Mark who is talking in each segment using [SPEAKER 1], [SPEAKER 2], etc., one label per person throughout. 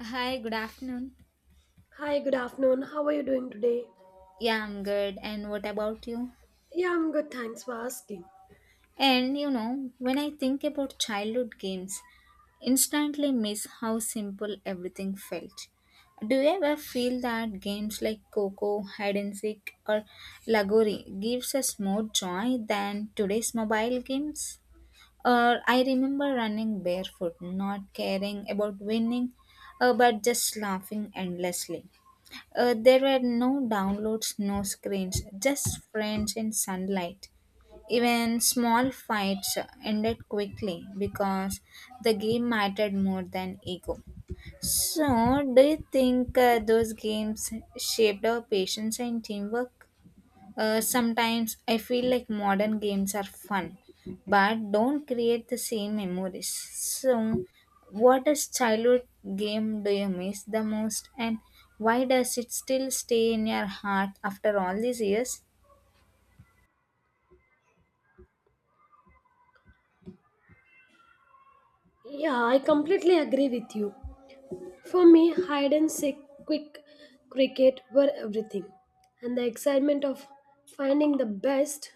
[SPEAKER 1] Hi, good afternoon.
[SPEAKER 2] Hi, good afternoon. How are you doing today?
[SPEAKER 1] Yeah, I'm good. And what about you?
[SPEAKER 2] Yeah, I'm good. Thanks for asking.
[SPEAKER 1] And you know, when I think about childhood games, instantly miss how simple everything felt. Do you ever feel that games like Coco, Hide and Seek, or Lagori gives us more joy than today's mobile games? Or I remember running barefoot, not caring about winning, but just laughing endlessly. There were no downloads, no screens, just friends in sunlight. Even small fights ended quickly because the game mattered more than ego. So, do you think those games shaped our patience and teamwork? Sometimes I feel like modern games are fun, but don't create the same memories. So, what is childhood game do you miss the most, and why does it still stay in your heart after all these years?
[SPEAKER 2] Yeah, I completely agree with you. For me, hide and seek, quick cricket were everything. And the excitement of finding the best,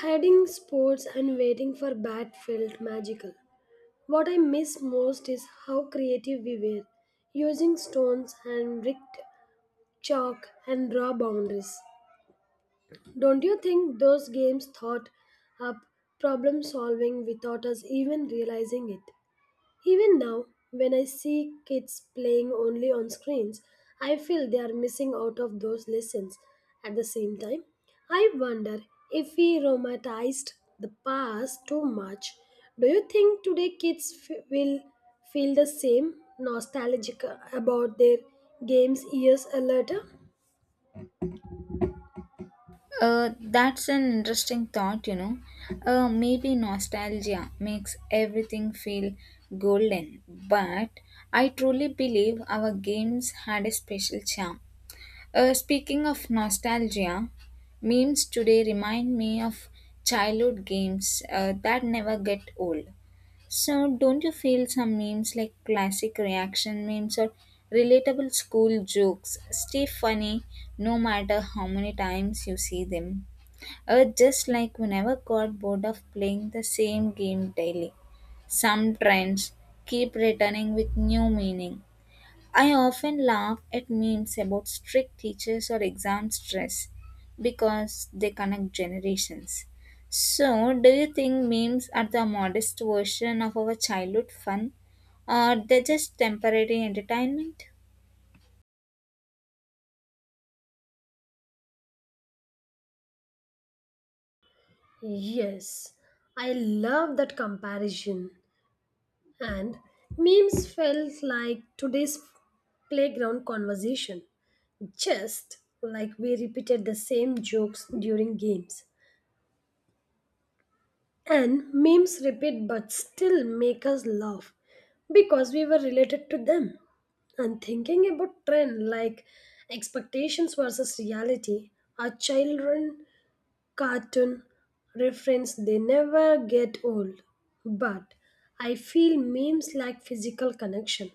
[SPEAKER 2] hiding sports, and waiting for bat felt magical. What I miss most is how creative we were, using stones and brick, chalk, and raw boundaries. Don't you think those games thought up problem solving without us even realizing it? Even now, when I see kids playing only on screens, I feel they are missing out of those lessons. At the same time, I wonder if we romanticized the past too much. Do you think today kids will feel the same nostalgic about their games years later?
[SPEAKER 1] That's an interesting thought, you know. Maybe nostalgia makes everything feel golden, but I truly believe our games had a special charm. Speaking of nostalgia, memes today remind me of childhood games that never get old. So, don't you feel some memes like classic reaction memes or relatable school jokes stay funny no matter how many times you see them? Just like we never got bored of playing the same game daily. Some trends keep returning with new meaning. I often laugh at memes about strict teachers or exam stress because they connect generations. So, do you think memes are the modest version of our childhood fun or they're just temporary entertainment?
[SPEAKER 2] Yes, I love that comparison. And memes felt like today's playground conversation, just like we repeated the same jokes during games. And memes repeat but still make us laugh because we were related to them. And thinking about trend like expectations versus reality, our children cartoon reference they never get old, but I feel memes like physical connection,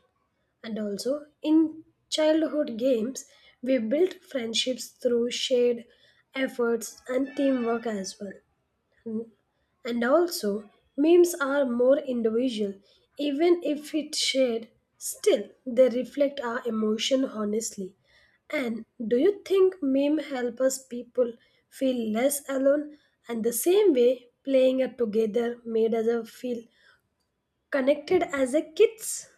[SPEAKER 2] and also in childhood games we built friendships through shared efforts and teamwork as well. And also, memes are more individual. Even if it's shared, still they reflect our emotion honestly. And do you think meme help us people feel less alone? And the same way, playing it together made us feel connected as a kids.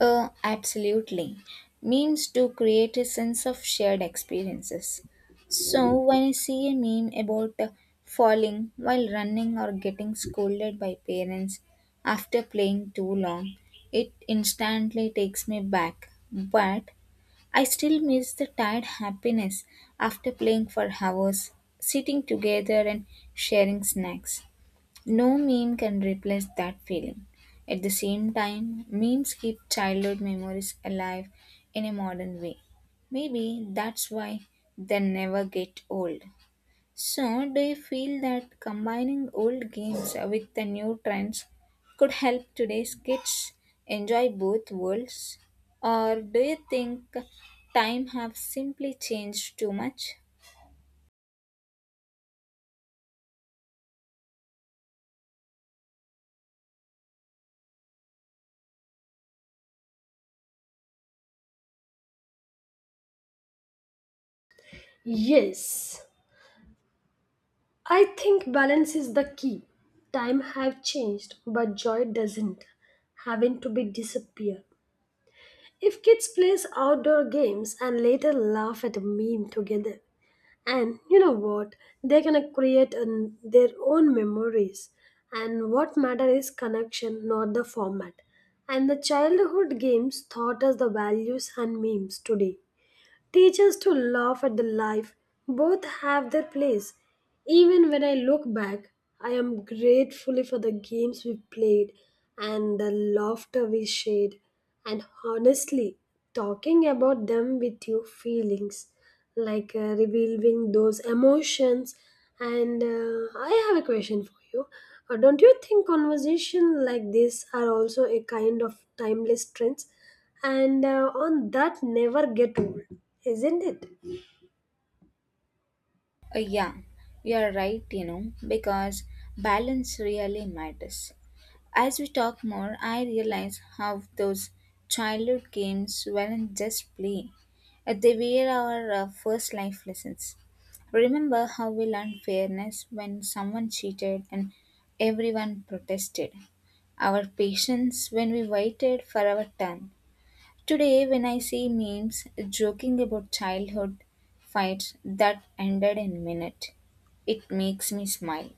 [SPEAKER 1] Absolutely. Memes do create a sense of shared experiences. So, when I see a meme about falling while running or getting scolded by parents after playing too long, it instantly takes me back. But I still miss the tired happiness after playing for hours, sitting together and sharing snacks. No meme can replace that feeling. At the same time, memes keep childhood memories alive in a modern way. Maybe that's why they never get old. So, do you feel that combining old games with the new trends could help today's kids enjoy both worlds? Or do you think time have simply changed too much?
[SPEAKER 2] Yes, I think balance is the key. Time have changed, but joy doesn't. Having to be disappear. If kids plays outdoor games and later laugh at a meme together, and you know what, they're gonna create an, their own memories. And what matter is connection, not the format. And the childhood games taught us the values and memes today teach us to laugh at the life. Both have their place. Even when I look back, I am grateful for the games we played and the laughter we shared. And honestly, talking about them with you, feelings, like revealing those emotions. And I have a question for you. Don't you think conversation like this are also a kind of timeless trends? And on that never get old, isn't it?
[SPEAKER 1] Yeah, you're right, you know, because balance really matters. As we talk more, I realize how those childhood games weren't just play. They were our first life lessons. Remember how we learned fairness when someone cheated and everyone protested, our patience when we waited for our turn. Today, when I see memes joking about childhood fights that ended in a minute, it makes me smile.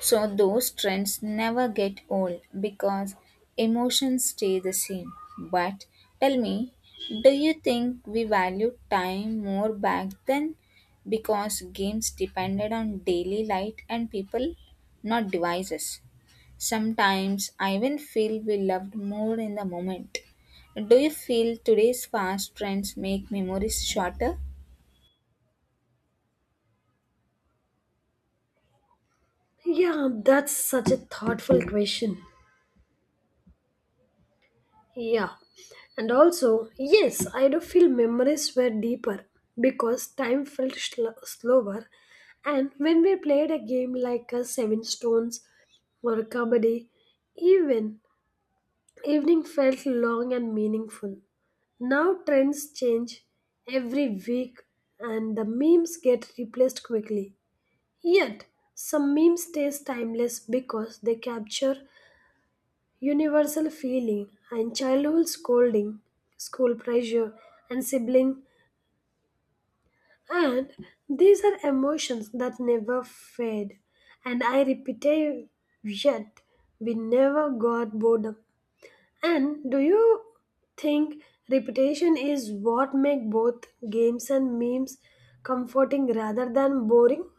[SPEAKER 1] So those trends never get old because emotions stay the same. But tell me, do you think we valued time more back then because games depended on daily light and people, not devices? Sometimes I even feel we loved more in the moment. Do you feel today's fast trends make memories shorter?
[SPEAKER 2] Yeah, that's such a thoughtful question. Yeah, and also, yes, I do feel memories were deeper because time felt slower. And when we played a game like a seven stones or a kabaddi, even evening felt long and meaningful. Now trends change every week, and the memes get replaced quickly. Yet, some memes stay timeless because they capture universal feeling and childhood scolding, school pressure, and sibling. And these are emotions that never fade. And I repeat, it, yet we never got boredom. And do you think repetition is what make both games and memes comforting rather than boring?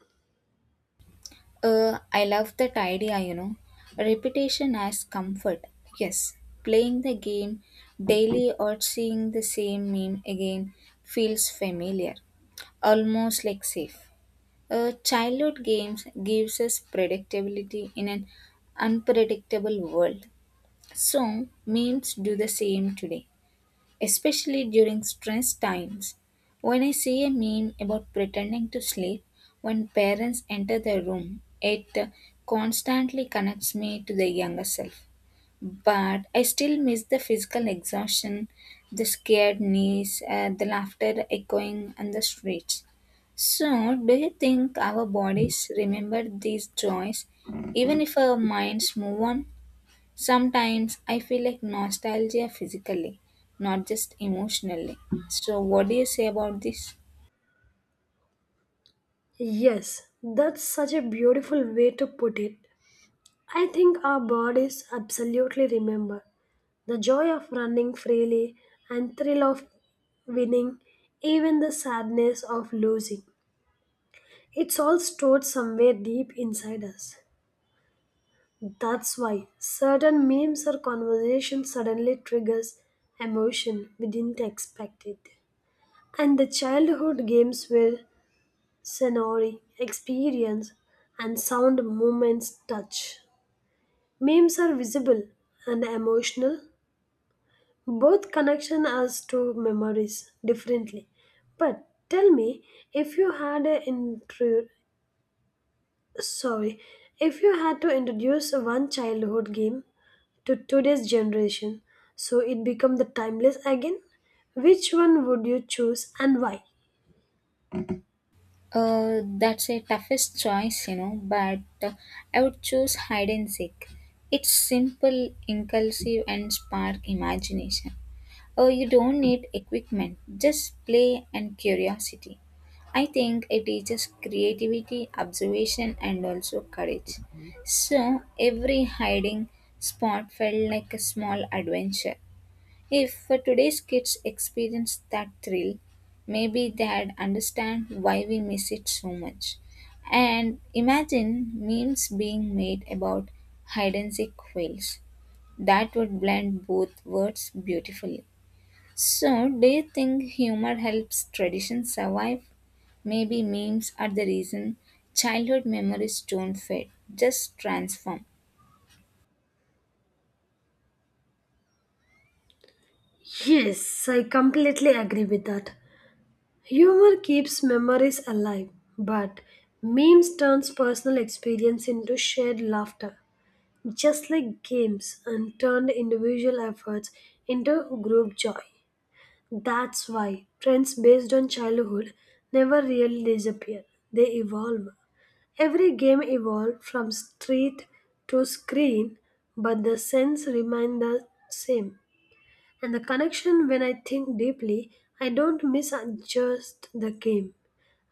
[SPEAKER 1] I love that idea, you know. Repetition as comfort. Yes, playing the game daily or seeing the same meme again feels familiar, almost like safe. Childhood games gives us predictability in an unpredictable world. So memes do the same today, especially during stress times. When I see a meme about pretending to sleep when parents enter the room, it constantly connects me to the younger self. But I still miss the physical exhaustion, the scared knees, the laughter echoing on the streets. So, do you think our bodies remember these joys even if our minds move on? Sometimes I feel like nostalgia physically, not just emotionally. So, what do you say about this?
[SPEAKER 2] Yes, that's such a beautiful way to put it. I think our bodies absolutely remember the joy of running freely and thrill of winning, even the sadness of losing. It's all stored somewhere deep inside us. That's why certain memes or conversations suddenly triggers emotion we didn't expect it. And the childhood games were scenery, experience, and sound movements touch. Memes are visible and emotional. Both connection as to memories differently. But tell me, if you had a intro, sorry, if you had to introduce one childhood game to today's generation, so it become the timeless again, which one would you choose and why?
[SPEAKER 1] That's a toughest choice, you know, but I would choose hide and seek. It's simple, inclusive, and spark imagination. Oh, you don't need equipment, just play and curiosity. I think it teaches creativity, observation, and also courage. So, every hiding spot felt like a small adventure. If today's kids experience that thrill, maybe they'd understand why we miss it so much. And imagine memes being made about hide and seek quails. That would blend both words beautifully. So, do you think humor helps tradition survive? Maybe memes are the reason childhood memories don't fade, just transform.
[SPEAKER 2] Yes, I completely agree with that. Humor keeps memories alive, but memes turns personal experience into shared laughter, just like games and turned individual efforts into group joy. That's why trends based on childhood never really disappear. They evolve. Every game evolved from street to screen, but the sense remained the same. And the connection, when I think deeply, I don't miss just the game.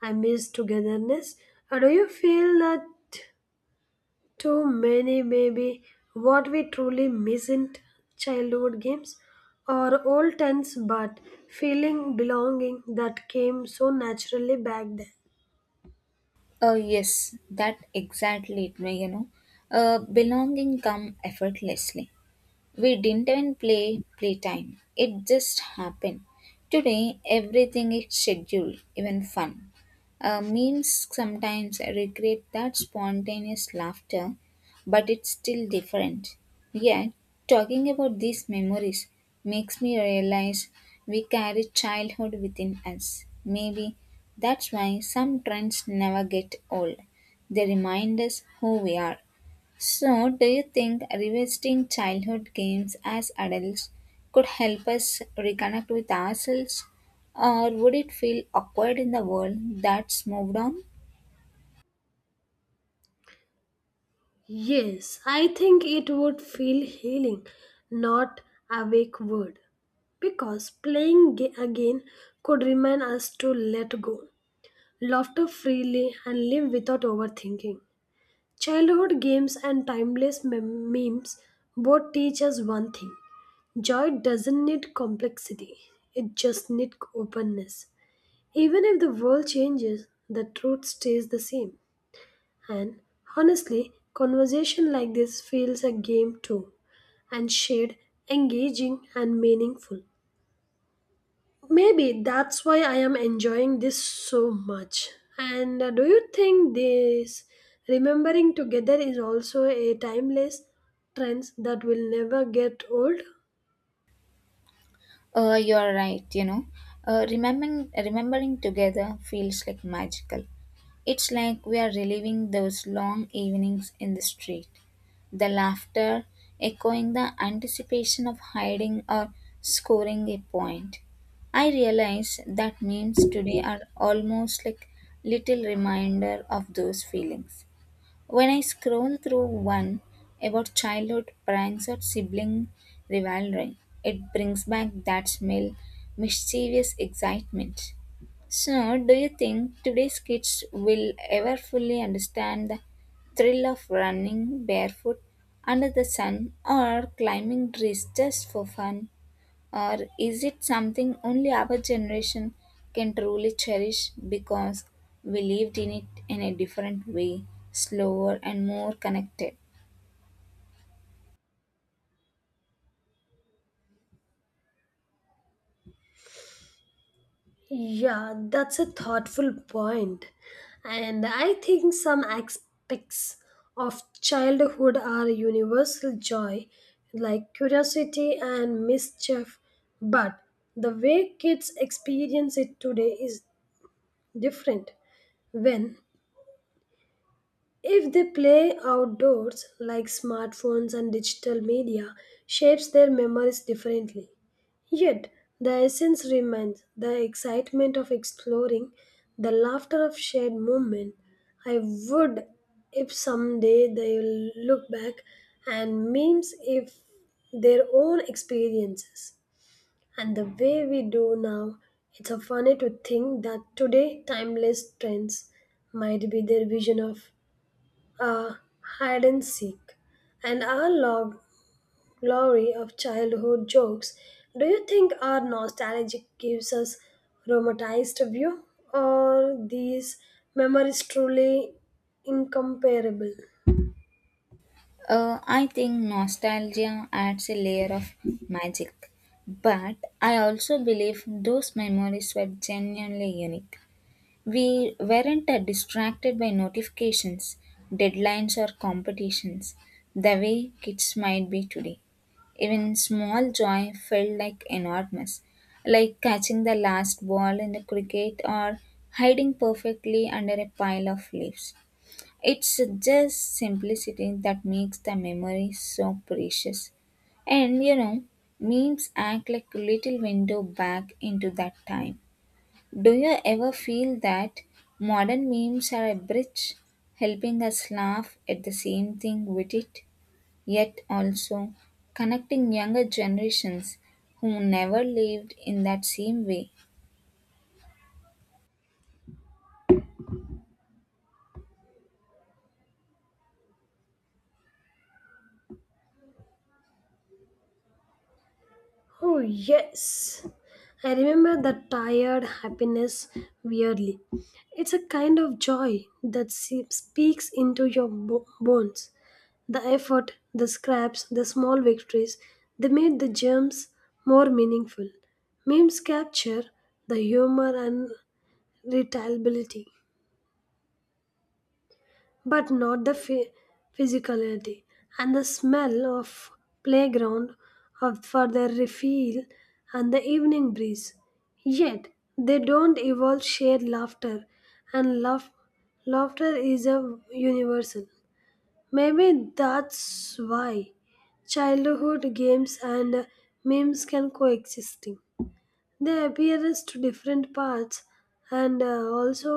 [SPEAKER 2] I miss togetherness. Or do you feel that too many maybe what we truly miss in childhood games or old tents but feeling belonging that came so naturally back then?
[SPEAKER 1] Yes, that exactly it, you know. Belonging come effortlessly. We didn't even play playtime. It just happened. Today, everything is scheduled, even fun. Memes sometimes recreate that spontaneous laughter, but it's still different. Yet, talking about these memories makes me realize we carry childhood within us. Maybe that's why some trends never get old. They remind us who we are. So, do you think revisiting childhood games as adults could help us reconnect with ourselves, or would it feel awkward in the world that's moved on?
[SPEAKER 2] Yes, I think it would feel healing, not awake word, because playing again could remind us to let go laughter freely, and live without overthinking. Childhood games and timeless memes both teach us one thing: joy doesn't need complexity, it just needs openness. Even if the world changes, the truth stays the same. And honestly, conversation like this feels a game too, and shared, engaging, and meaningful. Maybe that's why I am enjoying this so much. And do you think this remembering together is also a timeless trend that will never get old?
[SPEAKER 1] You're right, you know. Remembering, together feels like magical. It's like we are reliving those long evenings in the street. The laughter echoing the anticipation of hiding or scoring a point. I realize that memes today are almost like little reminder of those feelings. When I scroll through one about childhood pranks or sibling rivalry, it brings back that smell, mischievous excitement. So, do you think today's kids will ever fully understand the thrill of running barefoot under the sun or climbing trees just for fun? Or is it something only our generation can truly cherish because we lived in it in a different way, slower and more connected?
[SPEAKER 2] Yeah, that's a thoughtful point. And I think some aspects of childhood are universal joy, like curiosity and mischief. But the way kids experience it today is different. When if they play outdoors, like smartphones and digital media, shapes their memories differently. Yet, the essence remains the excitement of exploring, the laughter of shared movement. I would if someday they will look back and memes if their own experiences. And the way we do now, it's a funny to think that today timeless trends might be their vision of uh, hide and seek, and our glory of childhood jokes. Do you think our nostalgia gives us romanticized view, or these memories truly incomparable?
[SPEAKER 1] I think nostalgia adds a layer of magic, but I also believe those memories were genuinely unique. We weren't distracted by notifications, deadlines, or competitions the way kids might be today. Even small joy felt like enormous, like catching the last ball in the cricket or hiding perfectly under a pile of leaves. It's just simplicity that makes the memory so precious. And you know, memes act like a little window back into that time. Do you ever feel that modern memes are a bridge helping us laugh at the same thing with it, yet also connecting younger generations who never lived in that same way?
[SPEAKER 2] Oh, yes. I remember that tired happiness weirdly. It's a kind of joy that speaks into your bones. The effort, the scraps, the small victories, they made the gems more meaningful. Memes capture the humor and retaliability but not the physicality and the smell of playground of for their refill and the evening breeze. Yet they don't evolve shared laughter, and laughter is a universal. Maybe that's why childhood games and memes can coexisting. They appear as to different parts and also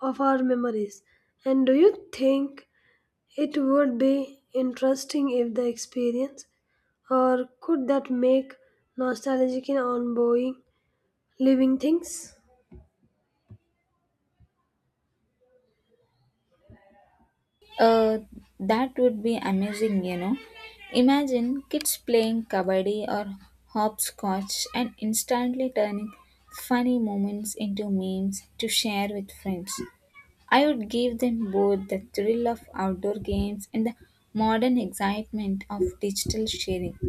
[SPEAKER 2] of our memories. And do you think it would be interesting if the experience, or could that make nostalgic and ongoing living things?
[SPEAKER 1] Uh, that would be amazing, you know. Imagine kids playing kabaddi or hopscotch and instantly turning funny moments into memes to share with friends. I would give them both the thrill of outdoor games and the modern excitement of digital sharing.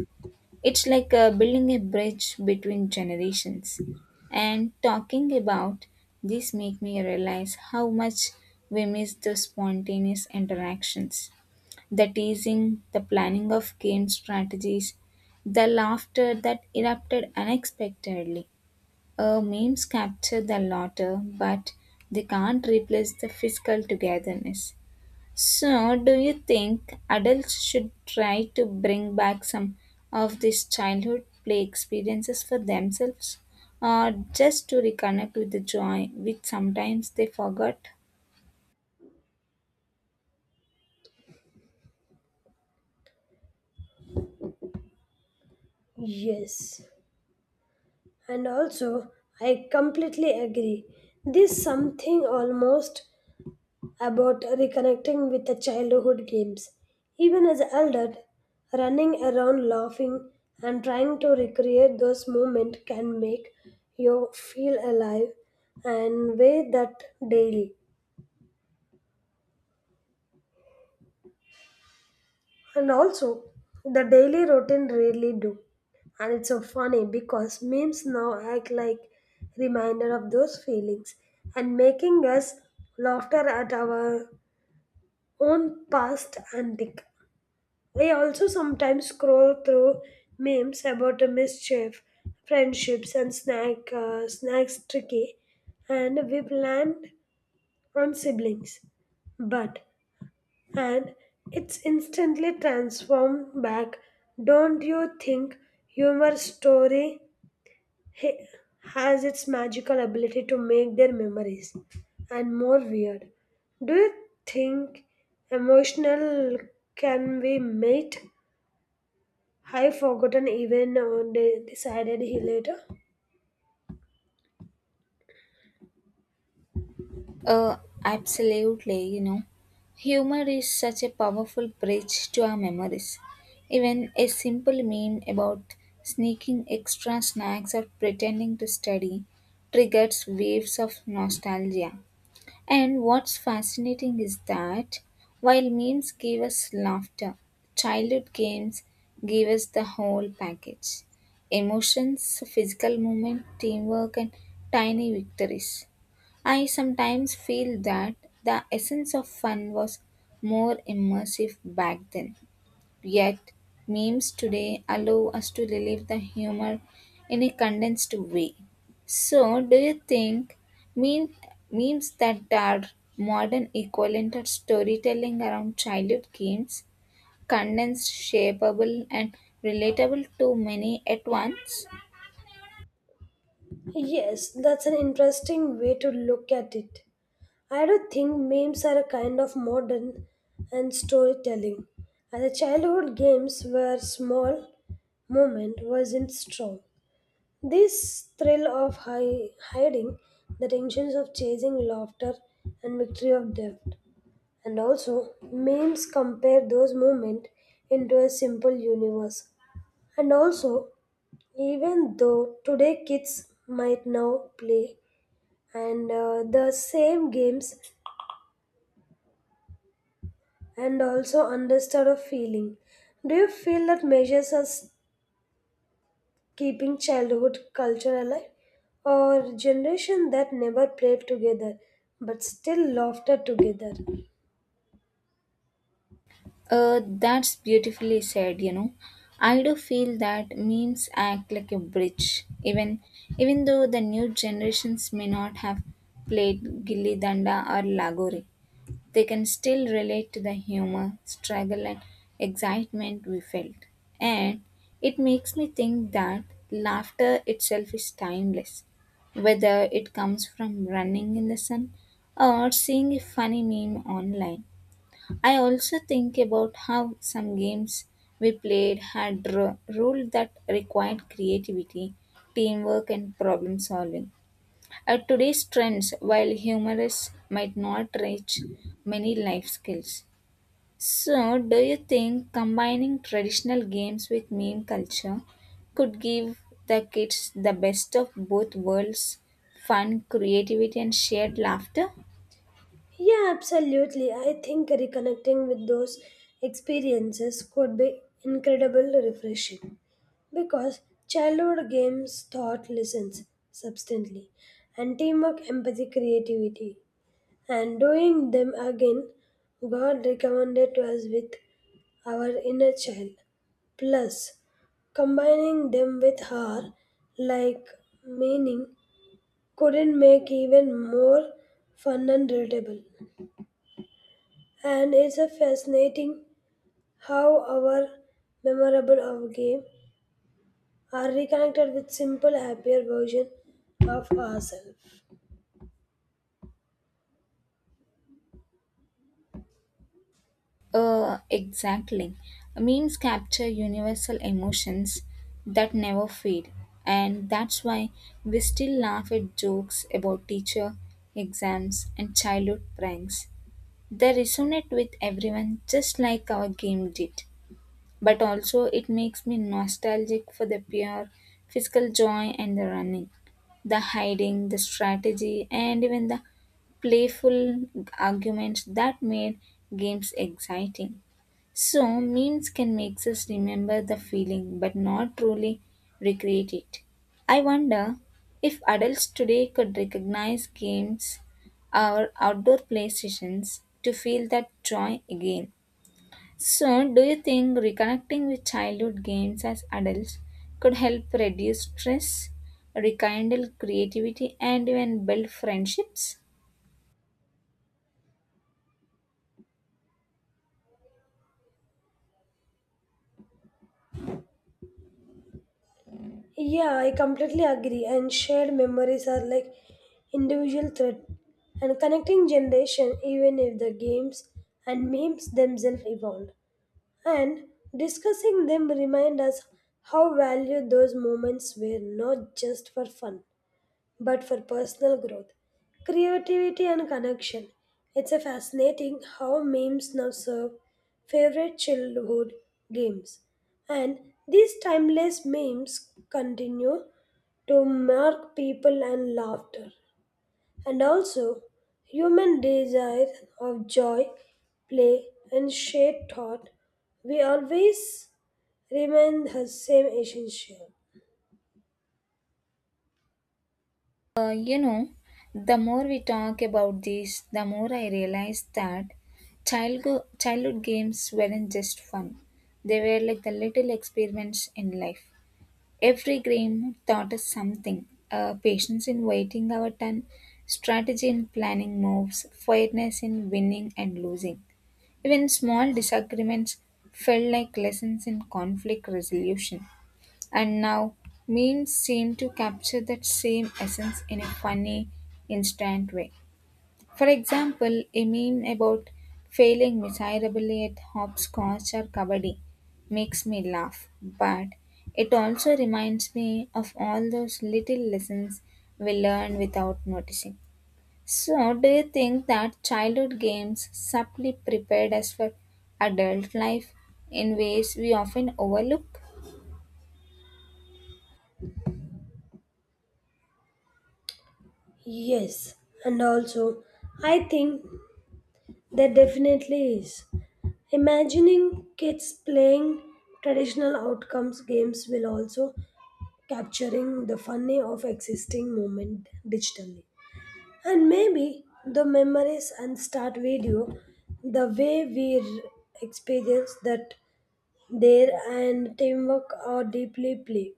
[SPEAKER 1] It's like building a bridge between generations. And talking about this make me realize how much we miss the spontaneous interactions, the teasing, the planning of game strategies, the laughter that erupted unexpectedly. Memes capture the laughter, but they can't replace the physical togetherness. So, do you think adults should try to bring back some of these childhood play experiences for themselves, or just to reconnect with the joy which sometimes they forgot?
[SPEAKER 2] Yes, and also, I completely agree. There's something almost about reconnecting with the childhood games. Even as an adult, running around laughing and trying to recreate those moments can make you feel alive and way that daily. And also, the daily routine really do. And it's so funny because memes now act like reminder of those feelings and making us laughter at our own past antic. I also sometimes scroll through memes about a mischief, friendships, and snacks tricky, and we planned on siblings. But and it's instantly transformed back. Don't you think humor story ha- has its magical ability to make their memories and more weird? Do you think emotional can be made? I forgotten even they decided he later.
[SPEAKER 1] Uh, absolutely, you know. Humor is such a powerful bridge to our memories. Even a simple meme about sneaking extra snacks or pretending to study triggers waves of nostalgia. And what's fascinating is that while memes give us laughter, childhood games give us the whole package: emotions, physical movement, teamwork, and tiny victories. I sometimes feel that the essence of fun was more immersive back then. Yet, memes today allow us to relive the humor in a condensed way. So, do you think meme, memes that are modern equivalent of storytelling around childhood games, condensed, shapeable, and relatable to many at once?
[SPEAKER 2] Yes, that's an interesting way to look at it. I do think memes are a kind of modern and storytelling, and the childhood games were small moment wasn't strong. This thrill of hiding, the tensions of chasing laughter and victory of death. And also, memes compare those moments into a simple universe. And also, even though today kids might now play and the same games and also understood a feeling. Do you feel that measures are keeping childhood culture alive? Or generation that never played together but still laughter together?
[SPEAKER 1] That's beautifully said, you know. I do feel that memes act like a bridge, even though the new generations may not have played Gilli Danda or lagori, they can still relate to the humor, struggle and excitement we felt. And it makes me think that laughter itself is timeless, whether it comes from running in the sun or seeing a funny meme online. I also think about how some games we played had rules that required creativity, teamwork, and problem solving. At today's trends, while humorous might not reach many life skills. So, do you think combining traditional games with meme culture could give the kids the best of both worlds: fun, creativity, and shared laughter?
[SPEAKER 2] Yeah, absolutely. I think reconnecting with those experiences could be incredibly refreshing because childhood games taught lessons substantially and teamwork empathy creativity, and doing them again, God recommended to us with our inner child. Plus, combining them with her like meaning couldn't make even more fun and relatable. And it's a fascinating how our memorable of game are reconnected with simple happier version of ourselves.
[SPEAKER 1] Exactly. Memes capture universal emotions that never fade, and that's why we still laugh at jokes about teacher, exams, and childhood pranks. They resonate with everyone just like our game did, but also it makes me nostalgic for the pure physical joy and the running, the hiding, the strategy, and even the playful arguments that made games exciting. So, memes can make us remember the feeling but not truly recreate it. I wonder if adults today could recognize games or outdoor play sessions to feel that joy again. So, do you think reconnecting with childhood games as adults could help reduce stress, rekindle creativity, and even build friendships?
[SPEAKER 2] Yeah, I completely agree. And shared memories are like individual thread and connecting generation even if the games and memes themselves evolved. And discussing them remind us how valued those moments were not just for fun but for personal growth, creativity, and connection. It's a fascinating how memes now serve favorite childhood games. And these timeless memes continue to mark people and laughter, and also human desire of joy, play, and shared thought. We always remain the same essential.
[SPEAKER 1] You know, the more we talk about this, the more I realize that childhood games weren't just fun. They were like the little experiments in life. Every game taught us something: patience in waiting our turn, strategy in planning moves, fairness in winning and losing. Even small disagreements felt like lessons in conflict resolution. And now, memes seem to capture that same essence in a funny, instant way. For example, a meme about failing miserably at hopscotch or kabaddi makes me laugh, but it also reminds me of all those little lessons we learn without noticing. So, do you think that childhood games subtly prepared us for adult life in ways we often overlook?
[SPEAKER 2] Yes, and also I think there definitely is. Imagining kids playing traditional outcomes games will also capturing the funny of existing moment digitally. And maybe the memories and start video, the way we experience that there and teamwork are deeply play.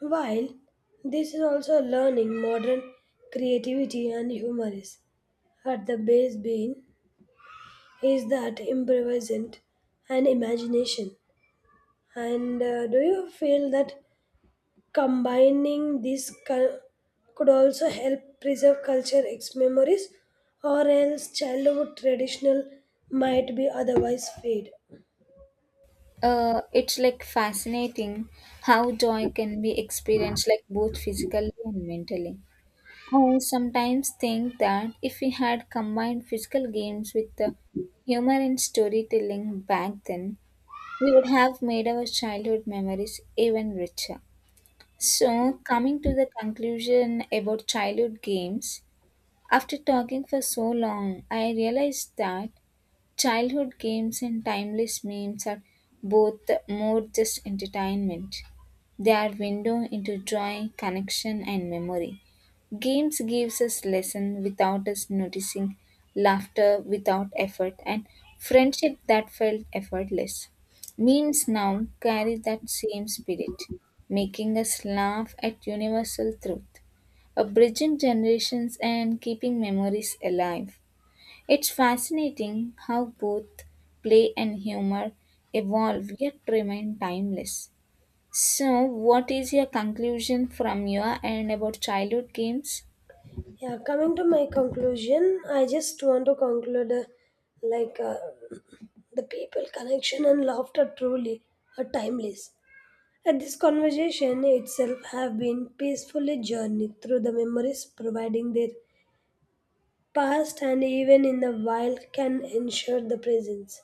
[SPEAKER 2] While this is also learning modern creativity and humor is at the base being is that improvisant and imagination. And do you feel that combining these could also help preserve culture ex memories, or else childhood traditional might be otherwise fade?
[SPEAKER 1] It's like fascinating how joy can be experienced like both physically and mentally. I sometimes think that if we had combined physical games with the humor and storytelling back then, we would have made our childhood memories even richer. So, coming to the conclusion about childhood games, after talking for so long, I realized that childhood games and timeless memes are both more just entertainment. They are window into joy, connection and memory. Games gives us lesson without us noticing, laughter without effort and friendship that felt effortless. Memes now carry that same spirit, making us laugh at universal truth, a bridging generations and keeping memories alive. It's fascinating how both play and humor evolve yet remain timeless. So, what is your conclusion from your end about childhood games?
[SPEAKER 2] Yeah, coming to my conclusion, I just want to conclude like uh, the people connection and laughter truly are timeless. And this conversation itself have been peacefully journeyed through the memories providing their past and even in the wild can ensure the presence.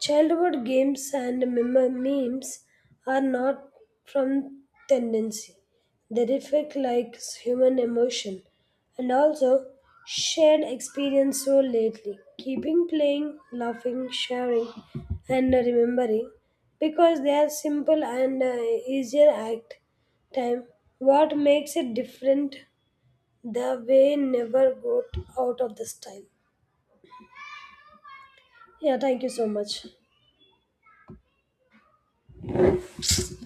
[SPEAKER 2] Childhood games and memes are not from tendency. They reflect like human emotion and also shared experience so lately, keeping playing, laughing, sharing, and remembering because they are simple and easier act time. What makes it different the way never got out of the style. Yeah, thank you so much.